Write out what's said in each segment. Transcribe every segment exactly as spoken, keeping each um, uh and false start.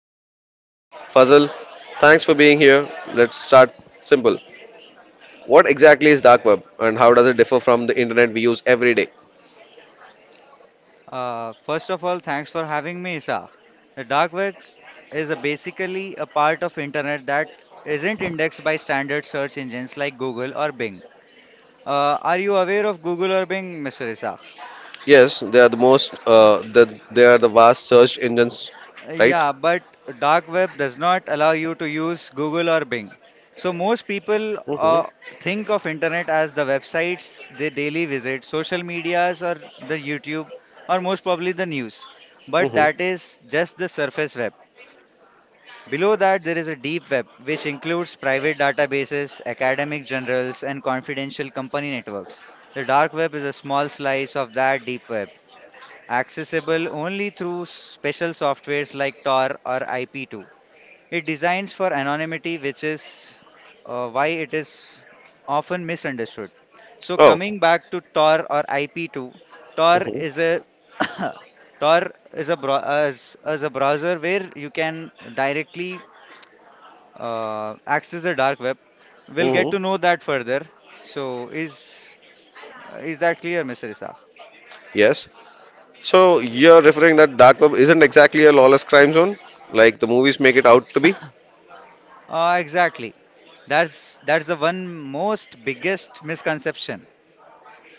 is true? Fazal, thanks for being here. Let's start simple. What exactly is dark web and how does it differ from the internet we use every day? Uh, first of all, thanks for having me, Isaac. The dark web is a basically a part of internet that isn't indexed by standard search engines like Google or Bing. Uh, are you aware of Google or Bing, Mister Isaac? Yes, they are the most uh, the, they are the vast search engines, Uh, right? Yeah, but dark web does not allow you to use Google or Bing. So most people Mm-hmm. uh, think of internet as the websites they daily visit, social medias, or the YouTube, or most probably the news. But that Mm-hmm. is just the surface web. Below that, there is a deep web, which includes private databases, academic journals, and confidential company networks. The dark web is a small slice of that deep web, accessible only through special softwares like Tor or I P two. It designs for anonymity, which is uh, why it is often misunderstood. So, Oh, coming back to Tor or I P two, Tor hmm is a Tor is a, bro- is, is a browser where you can directly uh, access the dark web. We'll hmm get to know that further. So is uh, is that clear, Mister Isaac? Yes. So you're referring that dark web isn't exactly a lawless crime zone, like the movies make it out to be? Uh, exactly. That's that's the one most biggest misconception.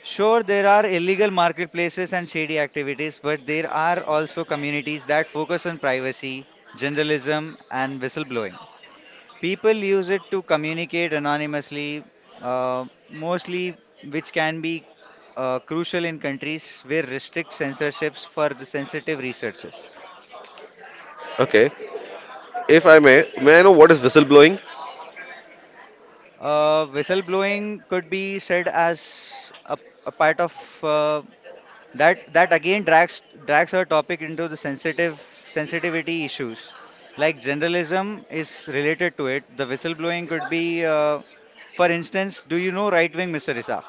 Sure, there are illegal marketplaces and shady activities, but there are also communities that focus on privacy, journalism, and whistleblowing. People use it to communicate anonymously, uh, mostly, which can be uh, crucial in countries where restrict censorships for the sensitive researchers. Okay. If I may, may I know what is whistleblowing? Uh, whistleblowing could be said as a, a part of uh, that that again drags drags our topic into the sensitive sensitivity issues. Like journalism is related to it. The whistleblowing could be, uh, for instance, do you know right wing, Mister Isaac?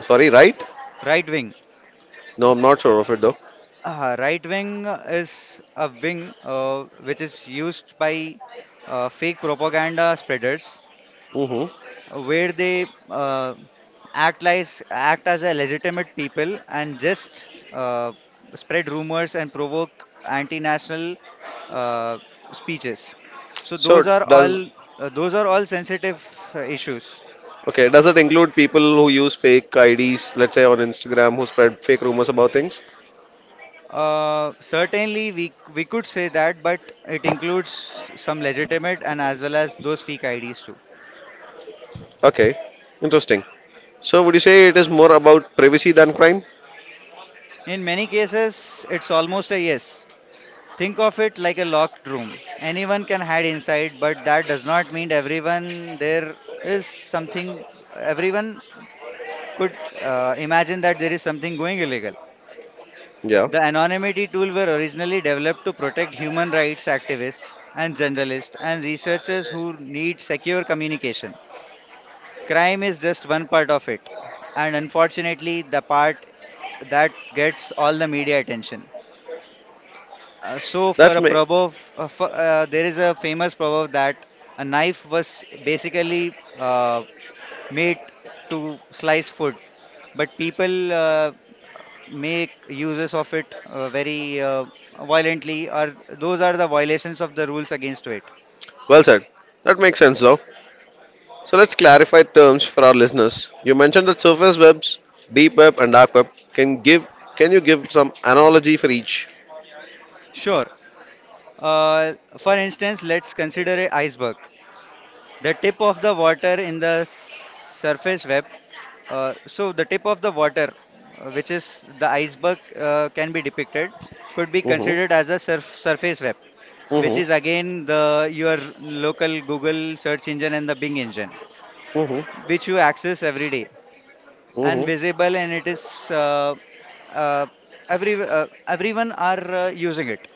Sorry, right? Right wing. No, I'm not sure of it though. Uh, right wing is a wing uh, which is used by uh, fake propaganda spreaders, Hmm. where they uh, act as act as a legitimate people and just uh, spread rumors and provoke anti-national uh, speeches. So So those are does all uh, those are all sensitive uh, issues. okay, does it include people who use fake I Ds, let's say on Instagram, who spread fake rumors about things? Uh, certainly, we we could say that, but it includes some legitimate and as well as those fake I Ds too. Okay. Interesting. So would you say it is more about privacy than crime? In many cases, it's almost a yes. Think of it like a locked room. Anyone can hide inside, but that does not mean everyone there is something, everyone could uh, imagine that there is something going illegal. Yeah. The anonymity tool were originally developed to protect human rights activists and journalists and researchers who need secure communication. Crime is just one part of it, and unfortunately, the part that gets all the media attention. Uh, so for That's a me. proverb, uh, for, uh, There is a famous proverb that a knife was basically uh, made to slice food, but people uh, make uses of it uh, very uh, violently, or those are the violations of the rules against it. Well said. That makes sense though. So let's clarify terms for our listeners. You mentioned that surface webs, deep web, and dark web. Can give can you give some analogy for each? Sure. Uh, for instance, let's consider a iceberg. The tip of the water in the surface web. Uh, so the tip of the water, uh, which is the iceberg, uh, can be depicted, could be considered Mm-hmm. as a surf surface web, which Mm-hmm. is again the your local Google search engine and the Bing engine, Mm-hmm. which you access every day and Mm-hmm. visible, and it is uh, uh, every uh, everyone are uh, using it.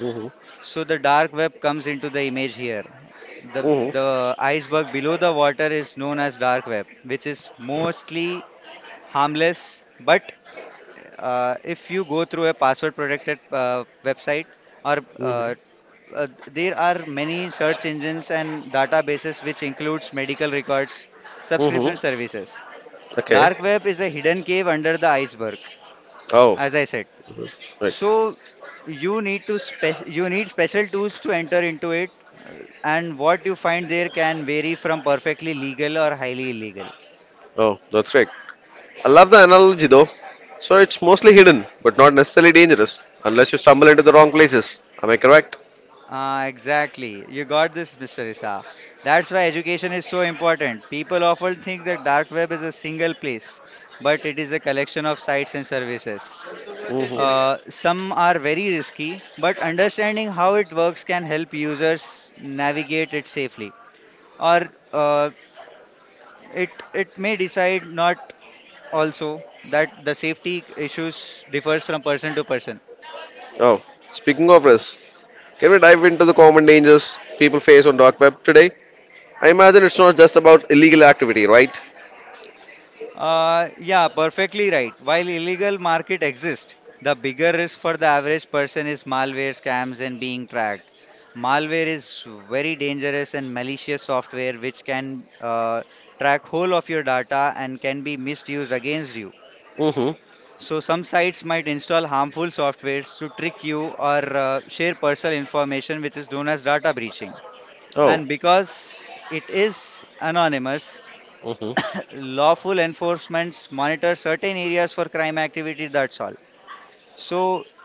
Mm-hmm. So the dark web comes into the image here. The Mm-hmm. the iceberg below the water is known as dark web, which is mostly harmless, but uh, if you go through a password protected uh, website or Mm-hmm. uh, uh, there are many search engines and databases which includes medical records, Mm-hmm. subscription services. Okay. Dark web is a hidden cave under the iceberg, Oh, as I said. right. So you need to spec- you need special tools to enter into it, uh, and what you find there can vary from perfectly legal or highly illegal. Oh, that's great. I love the analogy though. So it's mostly hidden, but not necessarily dangerous, unless you stumble into the wrong places. Am I correct? Ah, exactly. You got this, Mister Isaac. That's why education is so important. People often think that dark web is a single place, but it is a collection of sites and services. Uh, Mm-hmm. Some are very risky, but understanding how it works can help users navigate it safely. Or uh, it it may decide not also that the safety issues differs from person to person. Oh, speaking of risks, can we dive into the common dangers people face on dark web today? I imagine it's not just about illegal activity, right? Uh, yeah, perfectly right. While illegal market exists, the bigger risk for the average person is malware scams and being tracked. Malware is very dangerous and malicious software which can uh, track whole of your data and can be misused against you. Mm-hmm. So some sites might install harmful softwares to trick you or uh, share personal information, which is known as data breaching. Oh, And because it is anonymous, Mm-hmm. lawful enforcements monitor certain areas for crime activity, that's all. So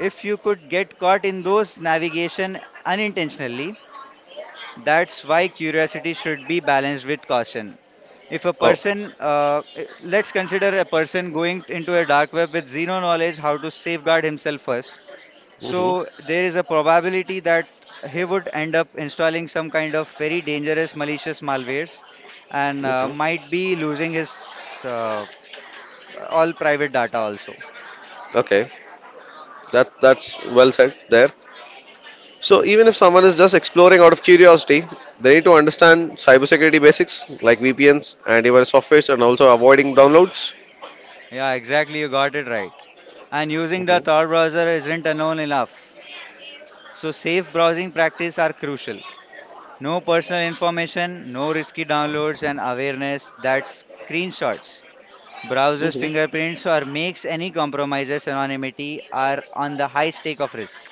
if you could get caught in those navigation unintentionally, that's why curiosity should be balanced with caution. If a oh, person uh, eh, let's consider a person going into a dark web with zero knowledge how to safeguard himself first, Mm-hmm. so there is a probability that he would end up installing some kind of very dangerous malicious malwares, and uh, Mm-hmm. might be losing his uh, all private data also. Okay. That that's well said there. So even if someone is just exploring out of curiosity, they need to understand cybersecurity basics like V P Ns, antivirus softwares, and also avoiding downloads. Yeah, exactly. You got it right. And using the Tor Mm-hmm. browser isn't alone enough. So safe browsing practice are crucial. No personal information, no risky downloads, and awareness that screenshots, browsers' Mm-hmm. fingerprints, or makes any compromises anonymity are on the high stake of risk.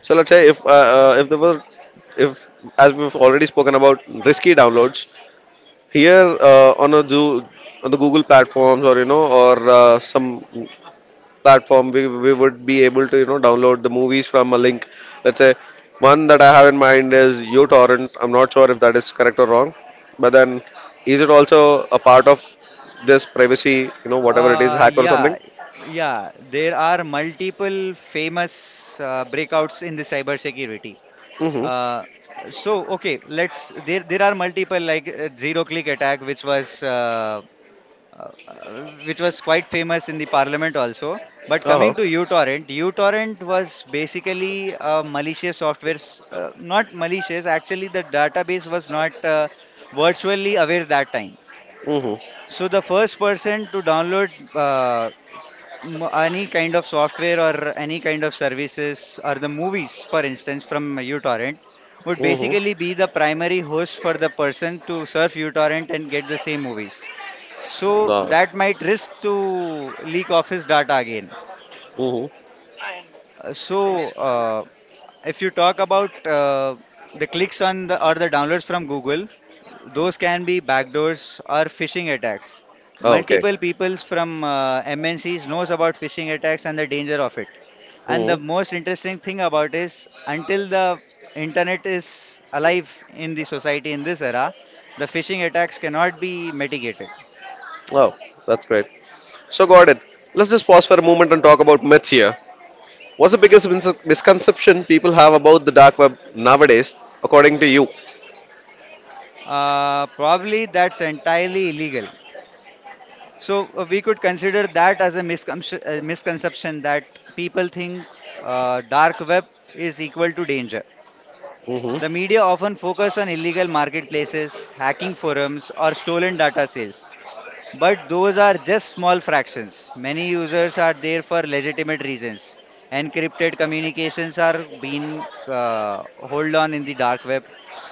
So let's say if uh, uh, if there were if as we've already spoken about risky downloads here uh, on a do on the Google platforms or you know or uh, some platform, we, we would be able to, you know, download the movies from a link. Let's say one that I have in mind is uTorrent. I'm not sure if that is correct or wrong, but then is it also a part of this privacy, you know, whatever it is, Uh, hack or yeah, something? yeah. There are multiple famous uh, breakouts in the cybersecurity. Mm-hmm. Uh, so okay, let's there there are multiple like uh, zero click attack which was uh, uh, uh, which was quite famous in the parliament also. But coming Uh-huh. to uTorrent, uTorrent was basically a malicious software, s- uh, not malicious. Actually, the database was not uh, virtually aware that time. Mm-hmm. So the first person to download uh, m- any kind of software or any kind of services or the movies, for instance, from uTorrent would Mm-hmm. basically be the primary host for the person to surf uTorrent and get the same movies. So No. that might risk to leak off his data again. Mm-hmm. Uh, So, uh, if you talk about uh, the clicks on the or the downloads from Google, those can be backdoors or phishing attacks. Oh, okay. Multiple peoples from uh, M N Cs knows about phishing attacks and the danger of it. And Mm-hmm. the most interesting thing about is until the internet is alive in the society in this era, the phishing attacks cannot be mitigated. Oh, that's great. So got it. Let's just pause for a moment and talk about myths here. What's the biggest mis- misconception people have about the dark web nowadays, according to you? Uh, probably that's entirely illegal. So uh, we could consider that as a misconception, uh, misconception that people think uh, dark web is equal to danger. Mm-hmm. The media often focus on illegal marketplaces, hacking forums, or stolen data sales. But those are just small fractions. Many users are there for legitimate reasons. Encrypted communications are being uh, hold on in the dark web.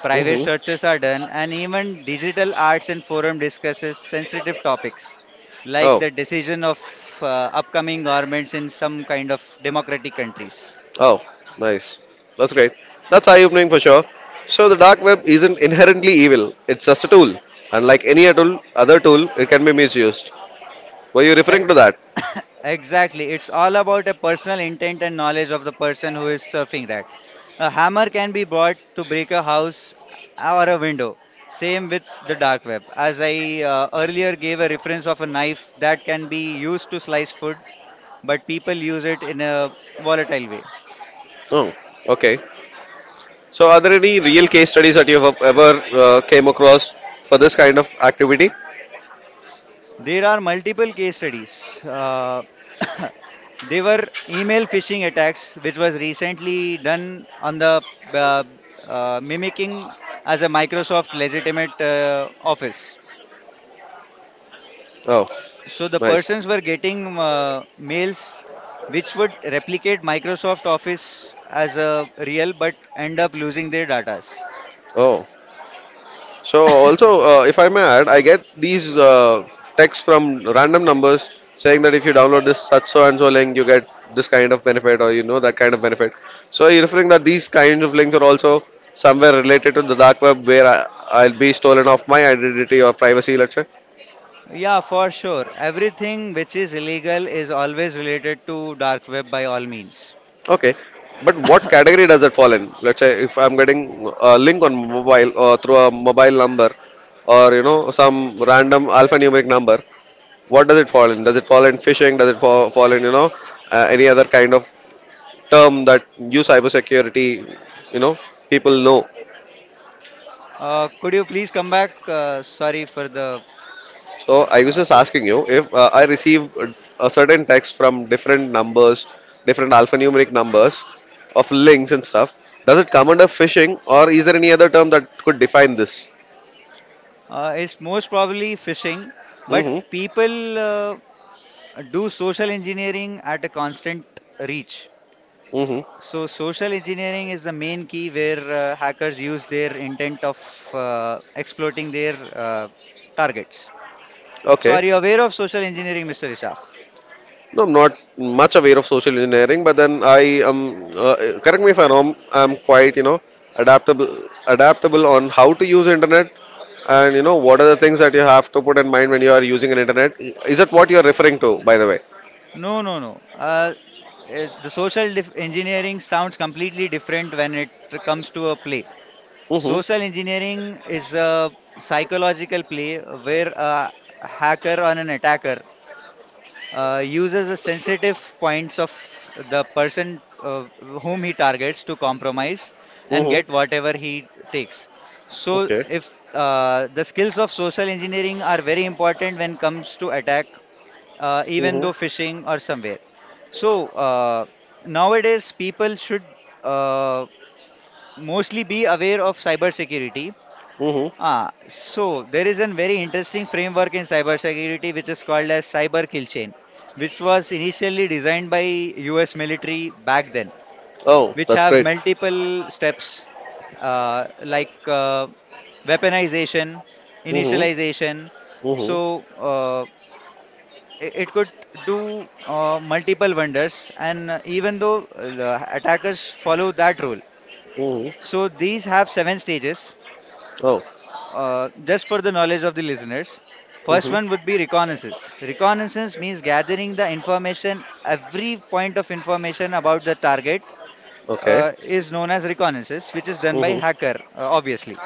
Private Hmm. searches are done, and even digital arts and forum discusses sensitive topics like Oh, the decision of uh, upcoming governments in some kind of democratic countries. oh, nice. That's great. That's eye-opening for sure. So the dark web isn't inherently evil. It's just a tool, and like any tool, other tool, it can be misused. Were you I, referring to that? Exactly. It's all about a personal intent and knowledge of the person who is surfing that. A hammer can be brought to break a house or a window. Same with the dark web. As I uh, earlier gave a reference of a knife that can be used to slice food, but people use it in a volatile way. Oh, okay. So are there any real case studies that you've ever uh, came across for this kind of activity? There are multiple case studies. Uh, they were email phishing attacks, which was recently done on the uh, uh, mimicking as a Microsoft legitimate uh, office. Oh, So the nice. persons were getting uh, mails which would replicate Microsoft Office as a real, but end up losing their datas. Oh, so also, uh, if I may add, I get these uh, texts from random numbers saying that if you download this such so and so link, you get this kind of benefit or you know that kind of benefit. So you're referring that these kinds of links are also somewhere related to the dark web where I, I'll be stolen off my identity or privacy, let's say. Yeah, for sure. Everything which is illegal is always related to dark web by all means. Okay, but what category does it fall in? Let's say if I'm getting a link on mobile or through a mobile number or you know some random alphanumeric number. What does it fall in? Does it fall in phishing? Does it fall, fall in, you know, uh, any other kind of term that you cybersecurity, you know, people know? Uh, could you please come back? Uh, sorry for the. So I was Uh, just asking you if uh, I receive a certain text from different numbers, different alphanumeric numbers of links and stuff, does it come under phishing or is there any other term that could define this? uh, it's most probably phishing, but Mm-hmm. people uh, do social engineering at a constant reach. Mm-hmm. So, social engineering is the main key where uh, hackers use their intent of uh, exploiting their uh, targets. So, Okay. are you aware of social engineering, Mister Ishaq? No, I'm not much aware of social engineering, but then I am, uh, correct me if I'm wrong, I'm quite, you know, adaptable, adaptable on how to use internet and, you know, what are the things that you have to put in mind when you are using an internet. Is that what you're referring to, by the way? No, no, no. Uh, eh, the social dif- engineering sounds completely different when it comes to a play. Mm-hmm. Social engineering is a psychological play where a hacker or an attacker uh, uses the sensitive points of the person uh, whom he targets to compromise and Mm-hmm. get whatever he takes. So, Okay. if uh, the skills of social engineering are very important when comes to attack, uh, even Mm-hmm. though phishing or somewhere. So uh, nowadays, people should uh, mostly be aware of cybersecurity. Mm-hmm. Ah, so there is a very interesting framework in cybersecurity which is called as cyber kill chain, which was initially designed by U S military back then, Oh, which that's have great. multiple steps uh, like uh, weaponization, Mm-hmm. initialization. Mm-hmm. So uh, i- it could do uh, multiple vendors, and uh, even though uh, attackers follow that rule, Mm-hmm. so these have seven stages, Oh. uh, just for the knowledge of the listeners, first one Mm-hmm. would be reconnaissance. Reconnaissance means gathering the information, every point of information about the target Okay. uh, is known as reconnaissance, which is done by Mm-hmm. hacker, uh, obviously.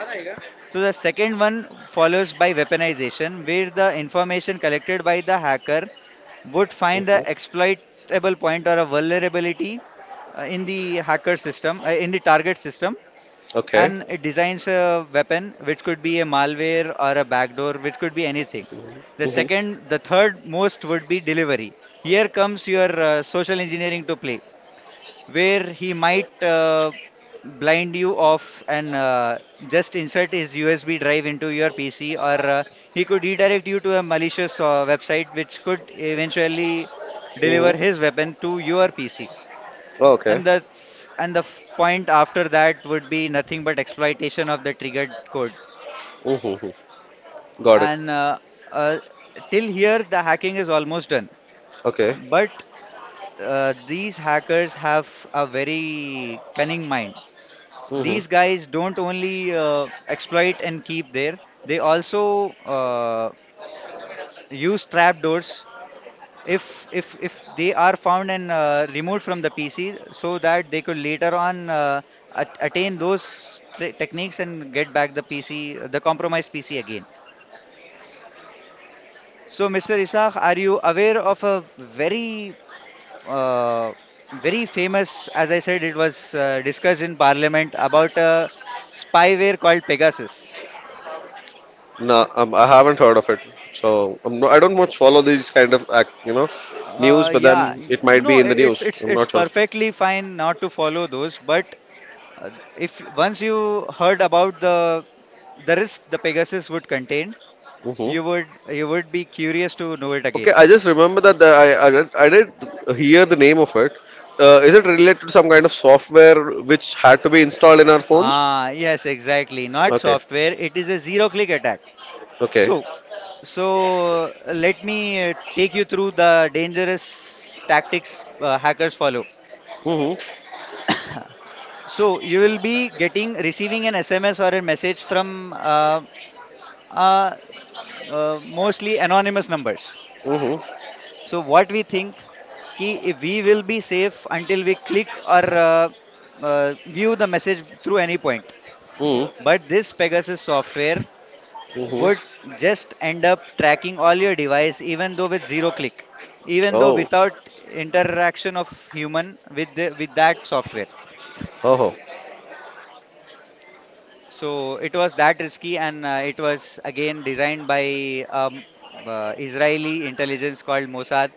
So the second one follows by weaponization, where the information collected by the hacker would find Mm-hmm. the exploitable point or a vulnerability uh, in the hacker system, uh, in the target system, Okay. and it designs a weapon which could be a malware or a backdoor which could be anything the Mm-hmm. Mm-hmm. second the third most would be delivery. Here comes your uh, social engineering to play, where he might uh, blind you off and uh, just insert his usb drive into your pc, or uh, he could redirect you to a malicious uh, website which could eventually Mm-hmm. deliver his weapon to your pc. Oh, okay. and the and the f- point after that would be nothing but exploitation of the triggered code. Mm-hmm. Got it. And uh, uh, Till here, the hacking is almost done. Okay. But uh, these hackers have a very cunning mind. Hmm. These guys don't only uh, exploit and keep there; they also uh, use trapdoors if if if they are found and uh, removed from the P C, so that they could later on uh, at- attain those tre- techniques and get back the P C the compromised P C again. So Mister Isaac, are you aware of a very uh, very famous, as I said, it was uh, discussed in parliament about a spyware called Pegasus? No, um, I haven't heard of it. So I'm no, I don't much follow these kind of act, you know, news. Uh, But yeah, then y- it might no, be in the I- it's news. it's I'm it's not sure. perfectly fine not to follow those, but Uh, if once you heard about the the risk the Pegasus would contain, Hmm. you would you would be curious to know it Okay, again. I just remember that the, I I did, I did hear the name of it. Uh, is it related to some kind of software which had to be installed in our phones? Ah, yes, exactly. Not Okay. software. It is a zero-click attack. Okay. So, so uh, let me uh, take you through the dangerous tactics uh, hackers follow. Hmm So you will be getting receiving an S M S or a message from uh, uh, uh, mostly anonymous numbers. hmm So what we think कि if we will be safe until we click or uh, uh, view the message through any point. hmm But this Pegasus software hmm would just end up tracking all your device, even though with zero click, even though Oh. without interaction of human with the, with that software. Oh. So it was that risky, and uh, it was again designed by um, uh, Israeli intelligence called Mossad,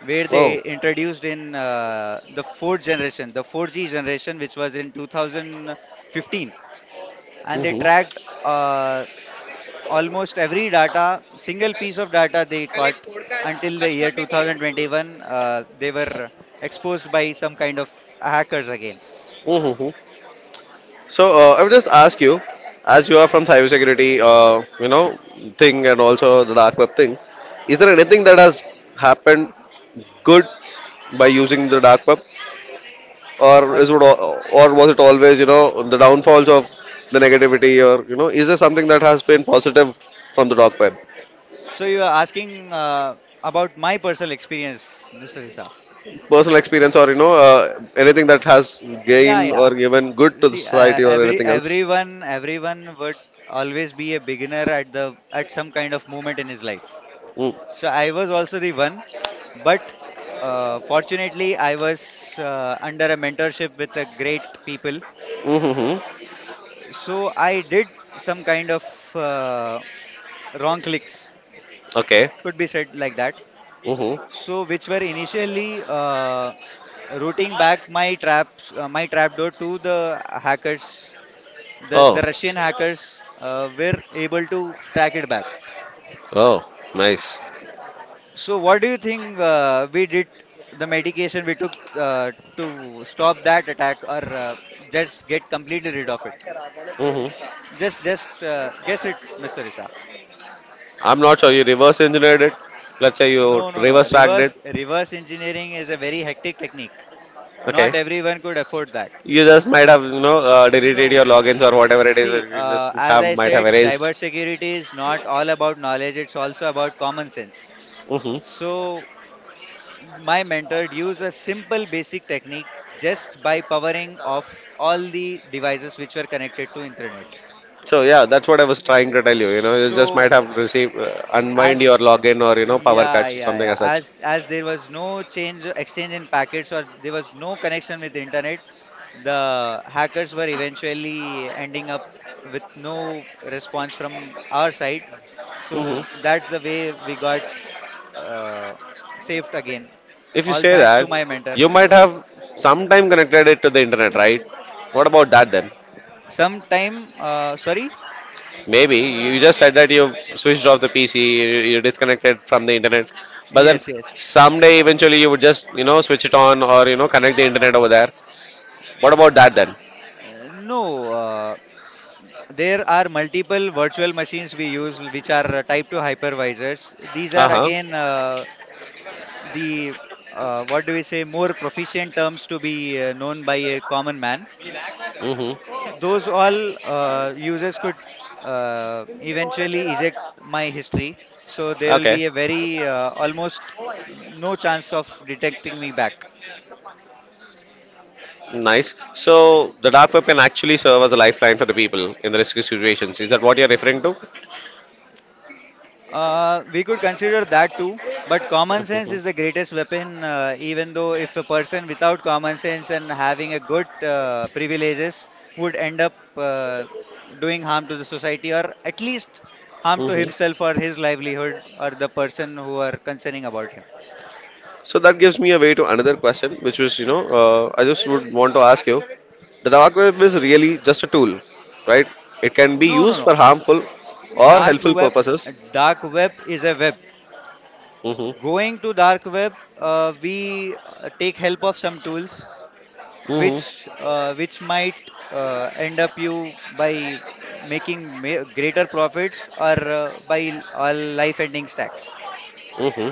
where they Oh. introduced in uh, the fourth generation, the four G generation, which was in two thousand fifteen, and they tracked uh, almost every data, single piece of data they caught until the year two thousand twenty-one. Uh, they were exposed by some kind of hackers again. Mm-hmm. So uh, I would just ask you, as you are from cybersecurity, uh, you know, thing and also the dark web thing, is there anything that has happened good by using the dark web, or Uh, is it, al- or was it always, you know, the downfalls of the negativity, or you know, is there something that has been positive from the dark web, So you are asking uh, about my personal experience, Mister Isaac. personal experience, or you know, uh, anything that has Yeah, gained yeah. or given good to the See, uh, society, or every anything else? everyone everyone would always be a beginner at the at some kind of moment in his life. Mm. So I was also the one, but uh, fortunately I was uh, under a mentorship with a great people. Mm-hmm. So I did some kind of uh, wrong clicks, Okay. could be said like that. Mm-hmm. So, which were initially uh, routing back my traps, uh, my trapdoor to the hackers. The the Oh. Russian hackers uh, were able to track it back. Oh. Nice. So, what do you think uh, we did? The medication we took uh, to stop that attack, or uh, just get completely rid of it? Hmm. Just, just uh, guess it, Mister Isaac. I'm not sure you reverse engineered it. Let's say you No, no, no. reverse tracked it. Reverse reverse engineering is a very hectic technique. Okay. Not everyone could afford that. You just might have, you know, uh, deleted No. your logins or whatever it is See, that you just uh, as have I might have said, erased. cybersecurity is not all about knowledge, it's also about common sense. Hmm. So, my mentor used a simple basic technique, just by powering off all the devices which were connected to internet. So yeah, that's what I was trying to tell you. You know, you just So, might have received uh, unwind your as login or you know power yeah, cuts or yeah, something yeah, as such. as as there was no change exchange in packets, or there was no connection with the internet, the hackers were eventually ending up with no response from our side. Hmm. So that's the way we got uh, saved again. If you All say thanks to that, my mentor. you might have sometime connected it to the internet, right? What about that then? Sometime, uh, sorry? Maybe you just said that you switched off the P C, you, you disconnected from the internet, but then Yes, yes. someday eventually you would just you know switch it on or you know connect the internet over there. What about that then? Uh, no, uh, there are multiple virtual machines we use which are uh, type two hypervisors. These Uh are huh. again uh, the, uh, what do we say, more proficient terms to be uh, known by a common man. Mm-hmm. Those all uh, users could uh, eventually eject my history. So there will Okay. be a very uh, almost no chance of detecting me back. Nice. So the dark web can actually serve as a lifeline for the people in the risky situations. Is that what you're referring to? Uh, we could consider that too, but common sense is the greatest weapon. Uh, even though if a person without common sense and having a good uh, privileges would end up uh, doing harm to the society, or at least harm to Mm-hmm. himself or his livelihood or the person who are concerning about him. So that gives me a way to another question, which was, you know, uh, I just would want to ask you, the dark web is really just a tool, right? It can be No, no, used no. for harmful or Dark helpful web, purposes. Dark web is a web. Mhm. Going to dark web, uh, we uh, take help of some tools, Mhm. which uh, which might uh, end up you by making ma- greater profits, or uh, by all life-ending stacks. Mhm.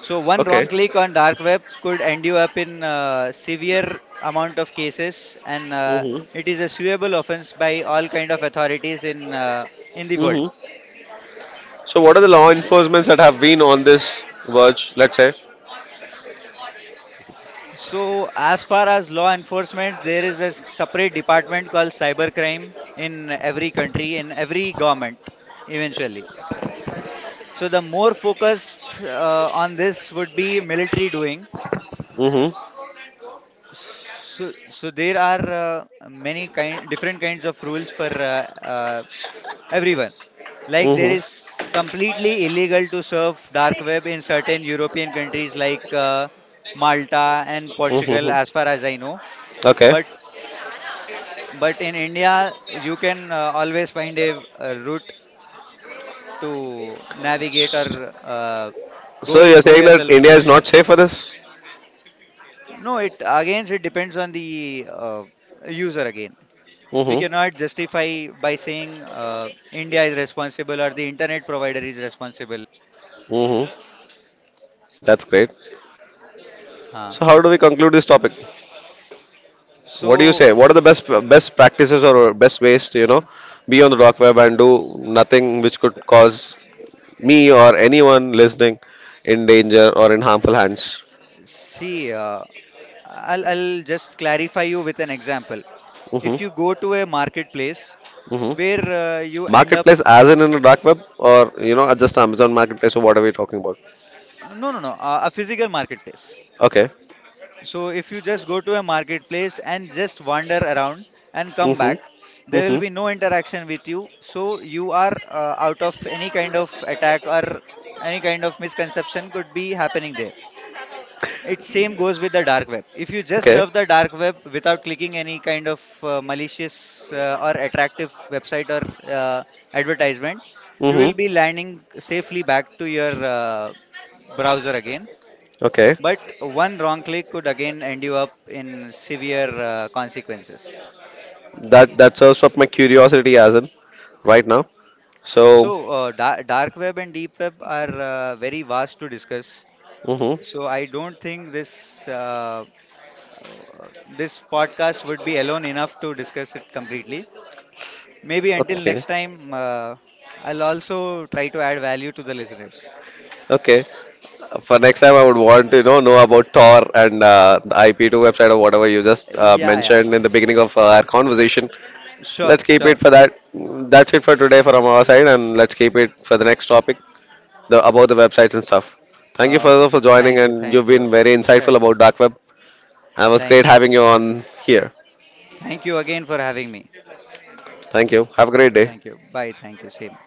So one wrong Okay. click on dark web could end you up in uh, severe amount of cases, and uh, Mhm. it is a suable offense by all kind of authorities in uh, in the world. Mhm. So, what are the law enforcements that have been on this verge, let's say? So, as far as law enforcement, there is a separate department called cybercrime in every country, in every government, eventually. So, the more focused uh, on this would be military doing. Mhm. So, so there are uh, many kind, different kinds of rules for uh, uh, everyone. Like, there Mhm. is completely illegal to surf dark web in certain European countries like uh, Malta and Portugal, Mhm. as far as I know. Okay. But But in India, you can uh, always find a, uh, route to navigate, or uh, So, go you're go saying that yourself India through is not internet. safe for this? No, it again it depends on the uh, user again. We Mhm. cannot justify by saying uh, India is responsible or the internet provider is responsible. Mhm. That's great. Huh. So, how do we conclude this topic? What do you So say? What are the best best practices or best ways to you know be on the dark web and do nothing which could cause me or anyone listening in danger or in harmful hands. see, uh, I'll I'll just clarify you with an example. Hmm If you go to a marketplace hmm where uh, you end up— Marketplace, as in in the dark web, or you know, just Amazon Marketplace, or what are we talking about? uh, no, no, no. Uh, a physical marketplace. Okay. So if you just go to a marketplace and just wander around and come Hmm back, there will hmm be no interaction with you. So you are uh, out of any kind of attack, or any kind of misconception could be happening there. It same goes with the dark web. If you just Okay. surf the dark web without clicking any kind of uh, malicious uh, or attractive website or uh, advertisement, you Hmm. will be landing safely back to your uh, browser again, Okay. but one wrong click could again end you up in severe uh, consequences. That that serves up my curiosity as in right now. So. So, uh, da- dark web and deep web are uh, very vast to discuss. Hmm. So, I don't think this uh, uh, this podcast would be alone enough to discuss it completely. Maybe until Okay. next time, uh, I'll also try to add value to the listeners. Okay. For next time, I would want to you know know about Tor and uh, the I P two website or whatever you just uh, Yeah, yeah, mentioned in the beginning of uh, our conversation. sure, Let's keep it sure. for that. That's it for today from our side, and let's keep it for the next topic, the about the websites and stuff. Thank you Uh, for f- for joining, thank you, and you've thank you, been very insightful Th- about dark web. And it was thank great you, having you on here. thank you again for having me. Thank you. Have a great Thank day. you. Bye. Thank you. Same.